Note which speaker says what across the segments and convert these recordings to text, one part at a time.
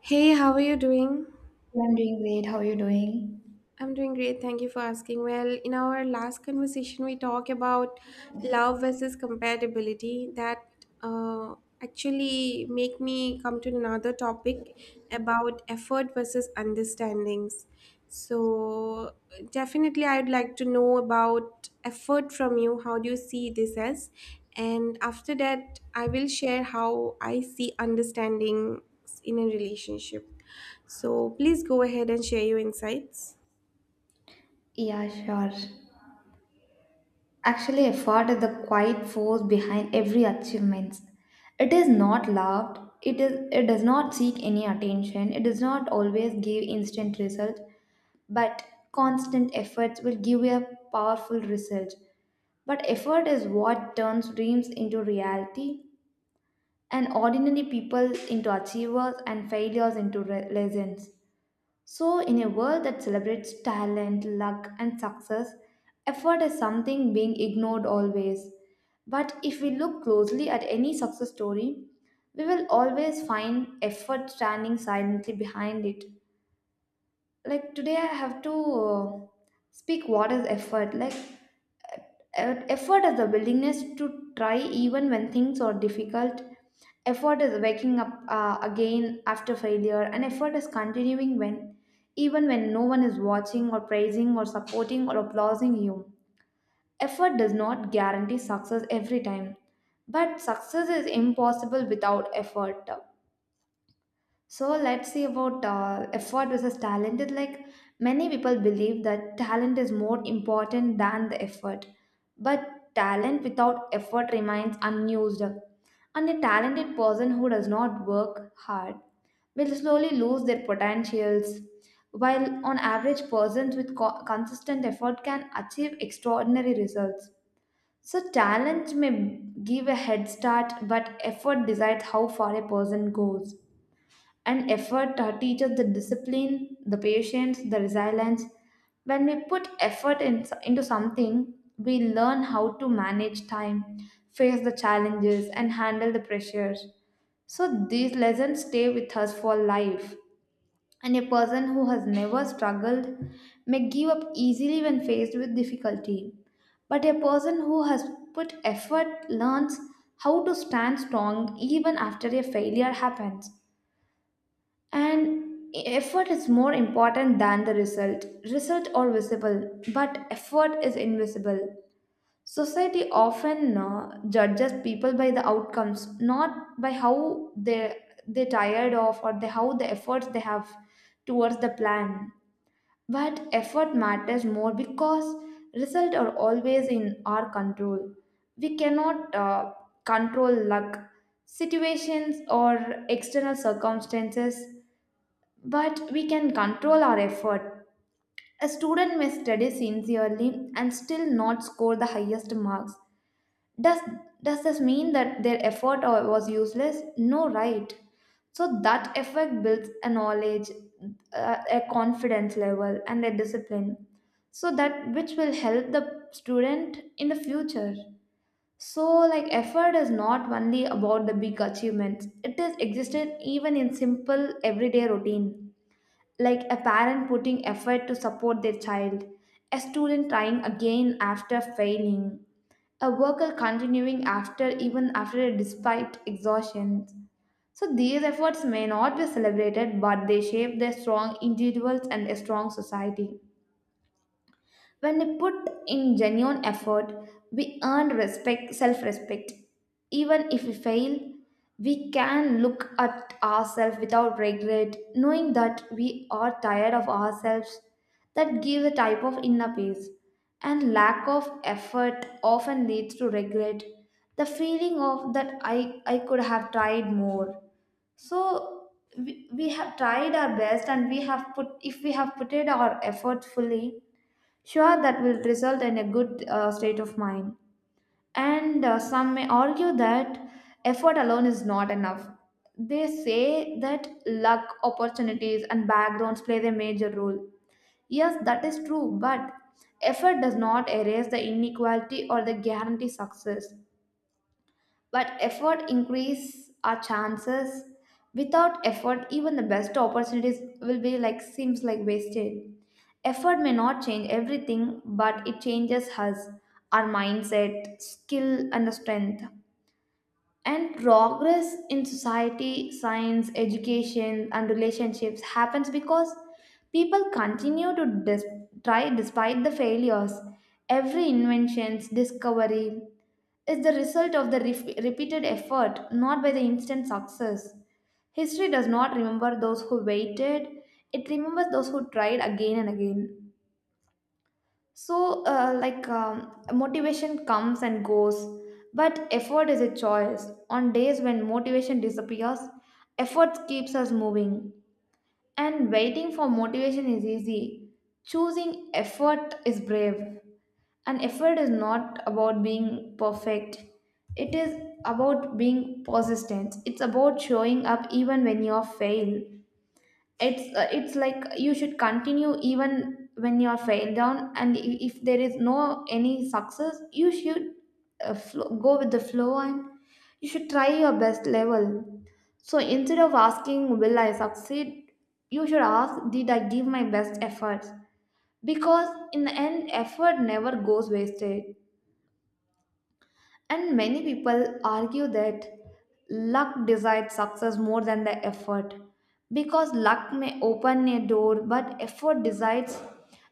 Speaker 1: Hey, how are you doing?
Speaker 2: Yeah, I'm doing great. How are you doing?
Speaker 1: I'm doing great. Thank you for asking. Well, in our last conversation, we talked about love versus compatibility. That uh, actually make me come to another topic about effort versus understandings. So definitely, I'd like to know about effort from you. How do you see this as? And after that, I will share how I see understanding in a relationship. So please go ahead and share your insights.
Speaker 2: Yeah, sure. Actually, effort is the quiet force behind every achievement. It is not loved. It is. It does not seek any attention. It does not always give instant results, but constant efforts will give you a powerful result. But effort is what turns dreams into reality, and ordinary people into achievers, and failures into re- lessons. So, in a world that celebrates talent, luck, and success, effort is something being ignored always. But if we look closely at any success story, we will always find effort standing silently behind it like today I have to uh, speak what is effort like effort is the willingness to try even when things are difficult. Effort is waking up again after failure, and effort is continuing when even when no one is watching or praising or supporting or applauding you. Effort does not guarantee success every time, but success is impossible without effort. So let's see about effort versus talent. It's like many people believe that talent is more important than the effort, but talent without effort remains unused. And a talented person who does not work hard will slowly lose their potentials, while on average, persons with consistent effort can achieve extraordinary results. So, talent may give a head start, but effort decides how far a person goes, and effort teaches the discipline, the patience, the resilience. When we put effort in, into something, we learn how to manage time, face the challenges, and handle the pressures. So these lessons stay with us for life. And a person who has never struggled may give up easily when faced with difficulty. But a person who has put effort learns how to stand strong even after a failure happens. And effort is more important than the result. Result are visible, but effort is invisible. Society often judges people by the outcomes, not by how they tired of, or the, how the efforts they have towards the plan. But effort matters more because results are always in our control. We cannot control luck, situations, or external circumstances, but we can control our effort. A student may study sincerely and still not score the highest marks. Does, does this mean that their was useless? No, right. So that effort builds a knowledge, a confidence level, and a discipline. So that which will help the student in the future. So, like, effort is not only about the big achievements, it is existed even in simple everyday routine, like a parent putting effort to support their child, a student trying again after failing, a worker continuing after even after despite exhaustion. So these efforts may not be celebrated, but they shape their strong individuals and a strong society. When we put in genuine effort, we earn respect, self respect. Even if we fail, we can look at ourselves without regret, knowing that we are tired of ourselves. That gives a type of inner peace. And lack of effort often leads to regret. The feeling of that I could have tried more. So we have tried our best, and we have put if we have put it our effort fully. Sure, that will result in a good state of mind. And some may argue that effort alone is not enough. They say that luck, opportunities, and backgrounds play a major role. Yes, that is true, but effort does not erase the inequality or the guarantee success. But effort increase our chances. Without effort, even the best opportunities will be like seems like wasted. Effort may not change everything, but it changes us, our mindset, skill, and the strength, and progress in society science education and relationships happens because people continue to try despite the failures. Every inventions discovery is the result of the repeated effort, not by the instant success. History does not remember those who waited, it remembers those who tried again and again. So, motivation comes and goes, but effort is a choice. On days when motivation disappears, effort keeps us moving. And waiting for motivation is easy. Choosing effort is brave. And effort is not about being perfect, it is about being persistent. It's about showing up even when you fail. It's it's like you should continue even when you are failed down, and if there is no any success you should flow, go with the flow, and you should try your best level. So instead of asking will I succeed, you should ask did I give my best efforts, because in the end effort never goes wasted. And many people argue that luck decides success more than the effort, because luck may open a door, but effort decides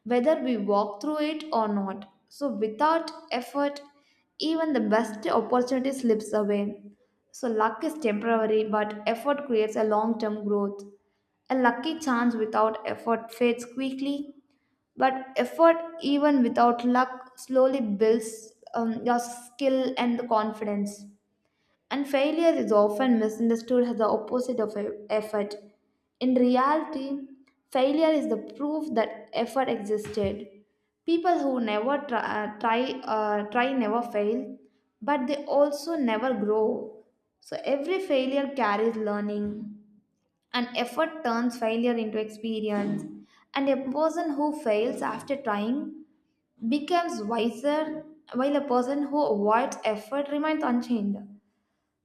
Speaker 2: whether we walk through it or not. So, without effort, even the best opportunity slips away. So, luck is temporary, but effort creates a long term growth. A lucky chance without effort fades quickly, but effort, even without luck, slowly builds your skill and the confidence. And failure is often misunderstood as the opposite of effort. In reality, failure is the proof that effort existed. People who never try never fail, but they also never grow. So every failure carries learning, and effort turns failure into experience. And a person who fails after trying becomes wiser, while a person who avoids effort remains unchanged.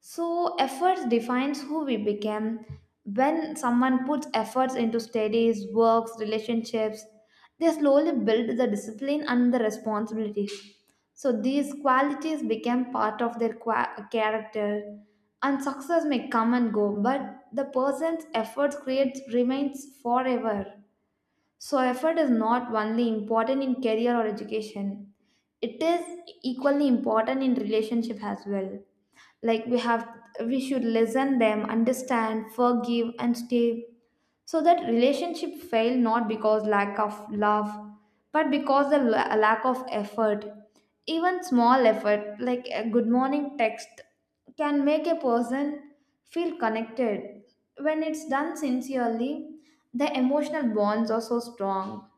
Speaker 2: So, efforts defines who we become. When someone puts efforts into studies, works, relationships, they slowly build the discipline and the responsibilities. So, these qualities become part of their character. And success may come and go, but the person's efforts creates remains forever. So, effort is not only important in career or education, it is equally important in relationship as well. Like we have we should listen them, understand, forgive and stay so that relationship failed not because lack of love, but because the lack of effort. Even small effort, like a good morning text, can make a person feel connected. When it's done sincerely, the emotional bonds are so strong.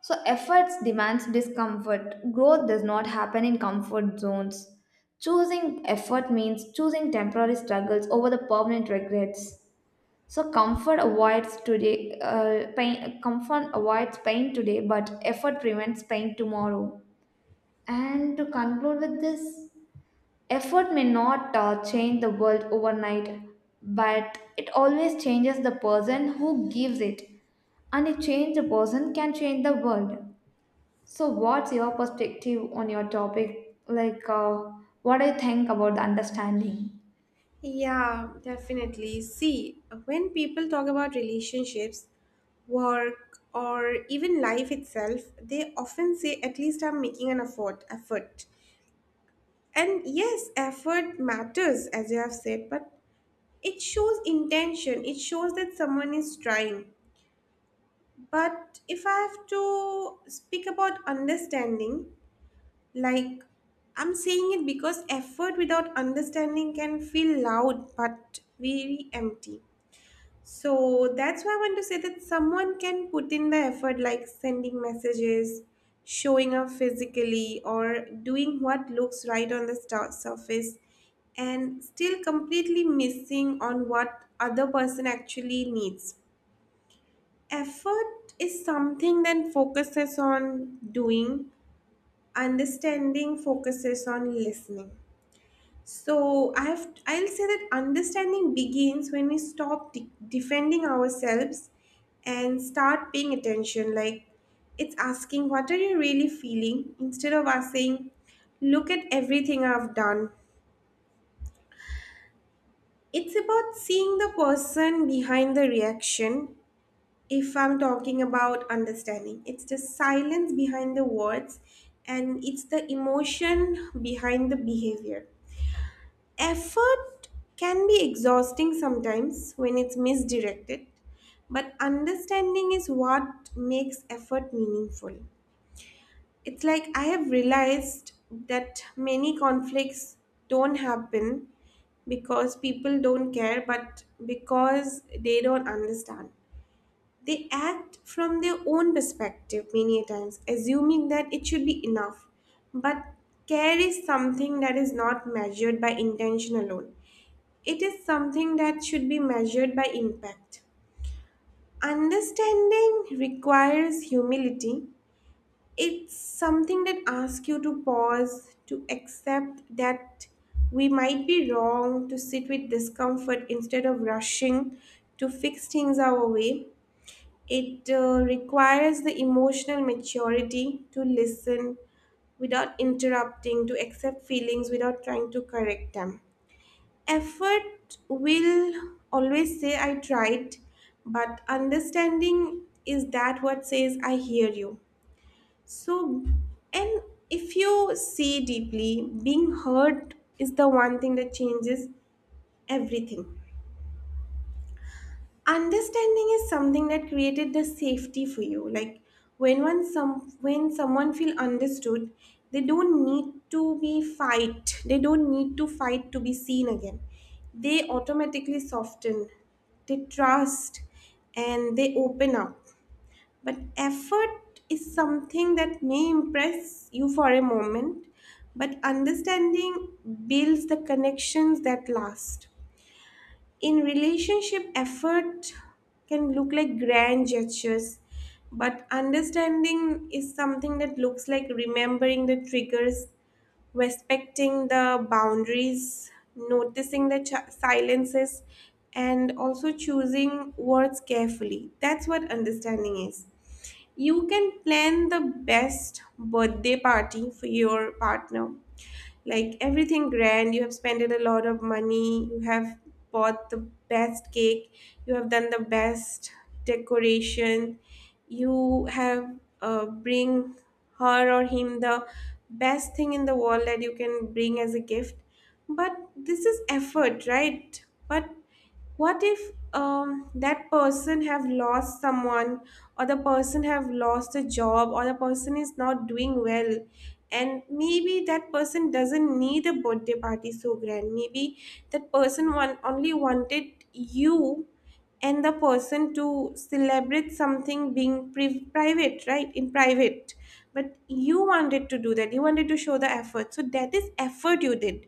Speaker 2: So efforts demands discomfort. Growth does not happen in comfort zones. Choosing effort means choosing temporary struggles over the permanent regrets. So comfort avoids pain today, but effort prevents pain tomorrow. And to conclude with this, effort may not change the world overnight, but it always changes the person who gives it, and a change the person can change the world. So, what's your perspective on your topic? Like, what do you think about the understanding?
Speaker 1: Yeah, definitely. See, when people talk about relationships, work, or even life itself, they often say, at least I'm making an effort. Effort. And yes, effort matters, as you have said, but it shows intention. It shows that someone is trying. But if I have to speak about understanding, like, I'm saying it because effort without understanding can feel loud but very empty. So that's why I want to say that someone can put in the effort like sending messages, showing up physically, or doing what looks right on the star surface, and still completely missing on what other person actually needs. Effort is something that focuses on doing; understanding focuses on listening. So I'll say that understanding begins when we stop defending ourselves and start paying attention, like it's asking what are you really feeling, instead of us saying look at everything I've done. It's about seeing the person behind the reaction if I'm talking about understanding. It's the silence behind the words, and it's the emotion behind the behavior. Effort can be exhausting sometimes when it's misdirected, but understanding is what makes effort meaningful. It's like I have realized that many conflicts don't happen because people don't care, but because they don't understand. They act from their own perspective many a times, assuming that it should be enough. But care is something that is not measured by intention alone. It is something that should be measured by impact. Understanding requires humility. It's something that asks you to pause, to accept that we might be wrong, to sit with discomfort instead of rushing to fix things our way. It requires the emotional maturity to listen without interrupting, to accept feelings without trying to correct them. Effort will always say I tried, but understanding is that what says I hear you. So, and if you see deeply, being heard is the one thing that changes everything. Understanding is something that created the safety for you, like when one some when someone feel understood, they don't need to be fight they don't need to fight to be seen again. They automatically soften, they trust, and they open up. But effort is something that may impress you for a moment, but understanding builds the connections that last. In relationship, effort can look like grand gestures, but understanding is something that looks like remembering the triggers, respecting the boundaries, noticing the silences, and also choosing words carefully. That's what understanding is. You can plan the best birthday party for your partner, like everything grand. You have spent a lot of money, you have bought the best cake, you have done the best decoration, you have bring her or him the best thing in the world that you can bring as a gift. But this is effort, right? But what if that person have lost someone, or the person have lost a job, or the person is not doing well, and maybe that person doesn't need a birthday party so grand. Maybe that person one only wanted you and the person to celebrate something being private, right, in private. But you wanted to do that, you wanted to show the effort, so that is effort you did.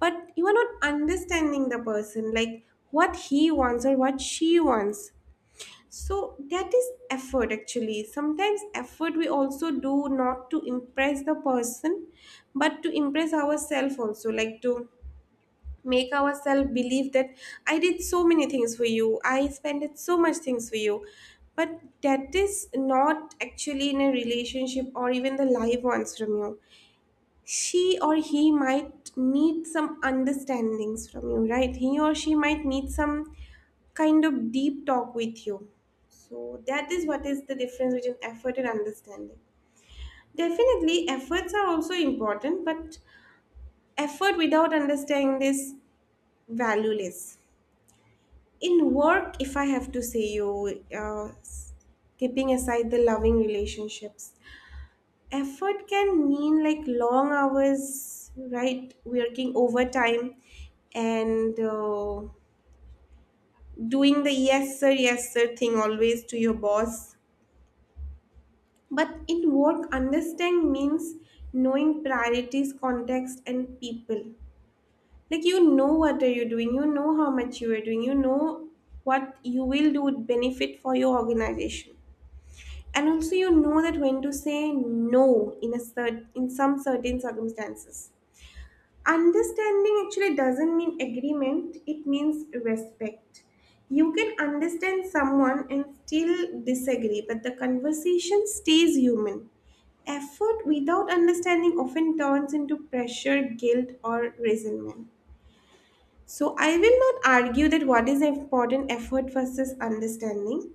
Speaker 1: But you are not understanding the person, like what he wants or what she wants. So that is effort. Actually, sometimes effort we also do not to impress the person, but to impress ourselves also, like to make ourselves believe that I did so many things for you, I spent so much things for you. But that is not actually in a relationship or even the life wants from you. She or he might need some understandings from you, right? He or she might need some kind of deep talk with you. So that is what is the difference between effort and understanding. Definitely efforts are also important, but effort without understanding is valueless. In work, if I have to say you, keeping aside the loving relationships, effort can mean like long hours, right, working overtime, and doing the yes sir thing always to your boss. But in work, understand means knowing priorities, context, and people. Like, you know what are you doing, you know how much you are doing, you know what you will do would benefit for your organization, and also you know that when to say no in a in some certain circumstances. Understanding actually doesn't mean agreement, it means respect. You can understand someone and still disagree, but the conversation stays human. Effort without understanding often turns into pressure, guilt, or resentment. So I will not argue that what is important, effort versus understanding,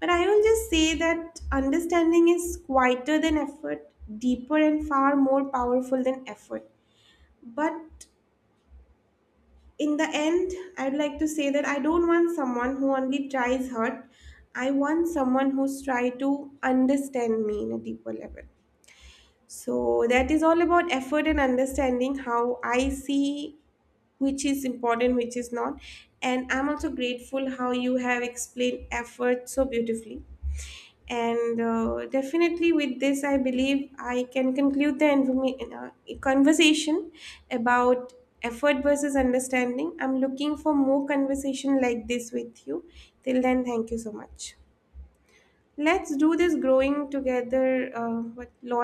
Speaker 1: but I will just say that understanding is quieter than effort, deeper and far more powerful than effort. But in the end, I'd like to say that I don't want someone who only tries hard. I want someone who's tried to understand me in a deeper level. So that is all about effort and understanding how I see, which is important, which is not. And I'm also grateful how you have explained effort so beautifully. And definitely with this I believe I can conclude the conversation about effort versus understanding. I'm looking for more conversation like this with you. Till then, thank you so much. Let's do this growing together, what loyal.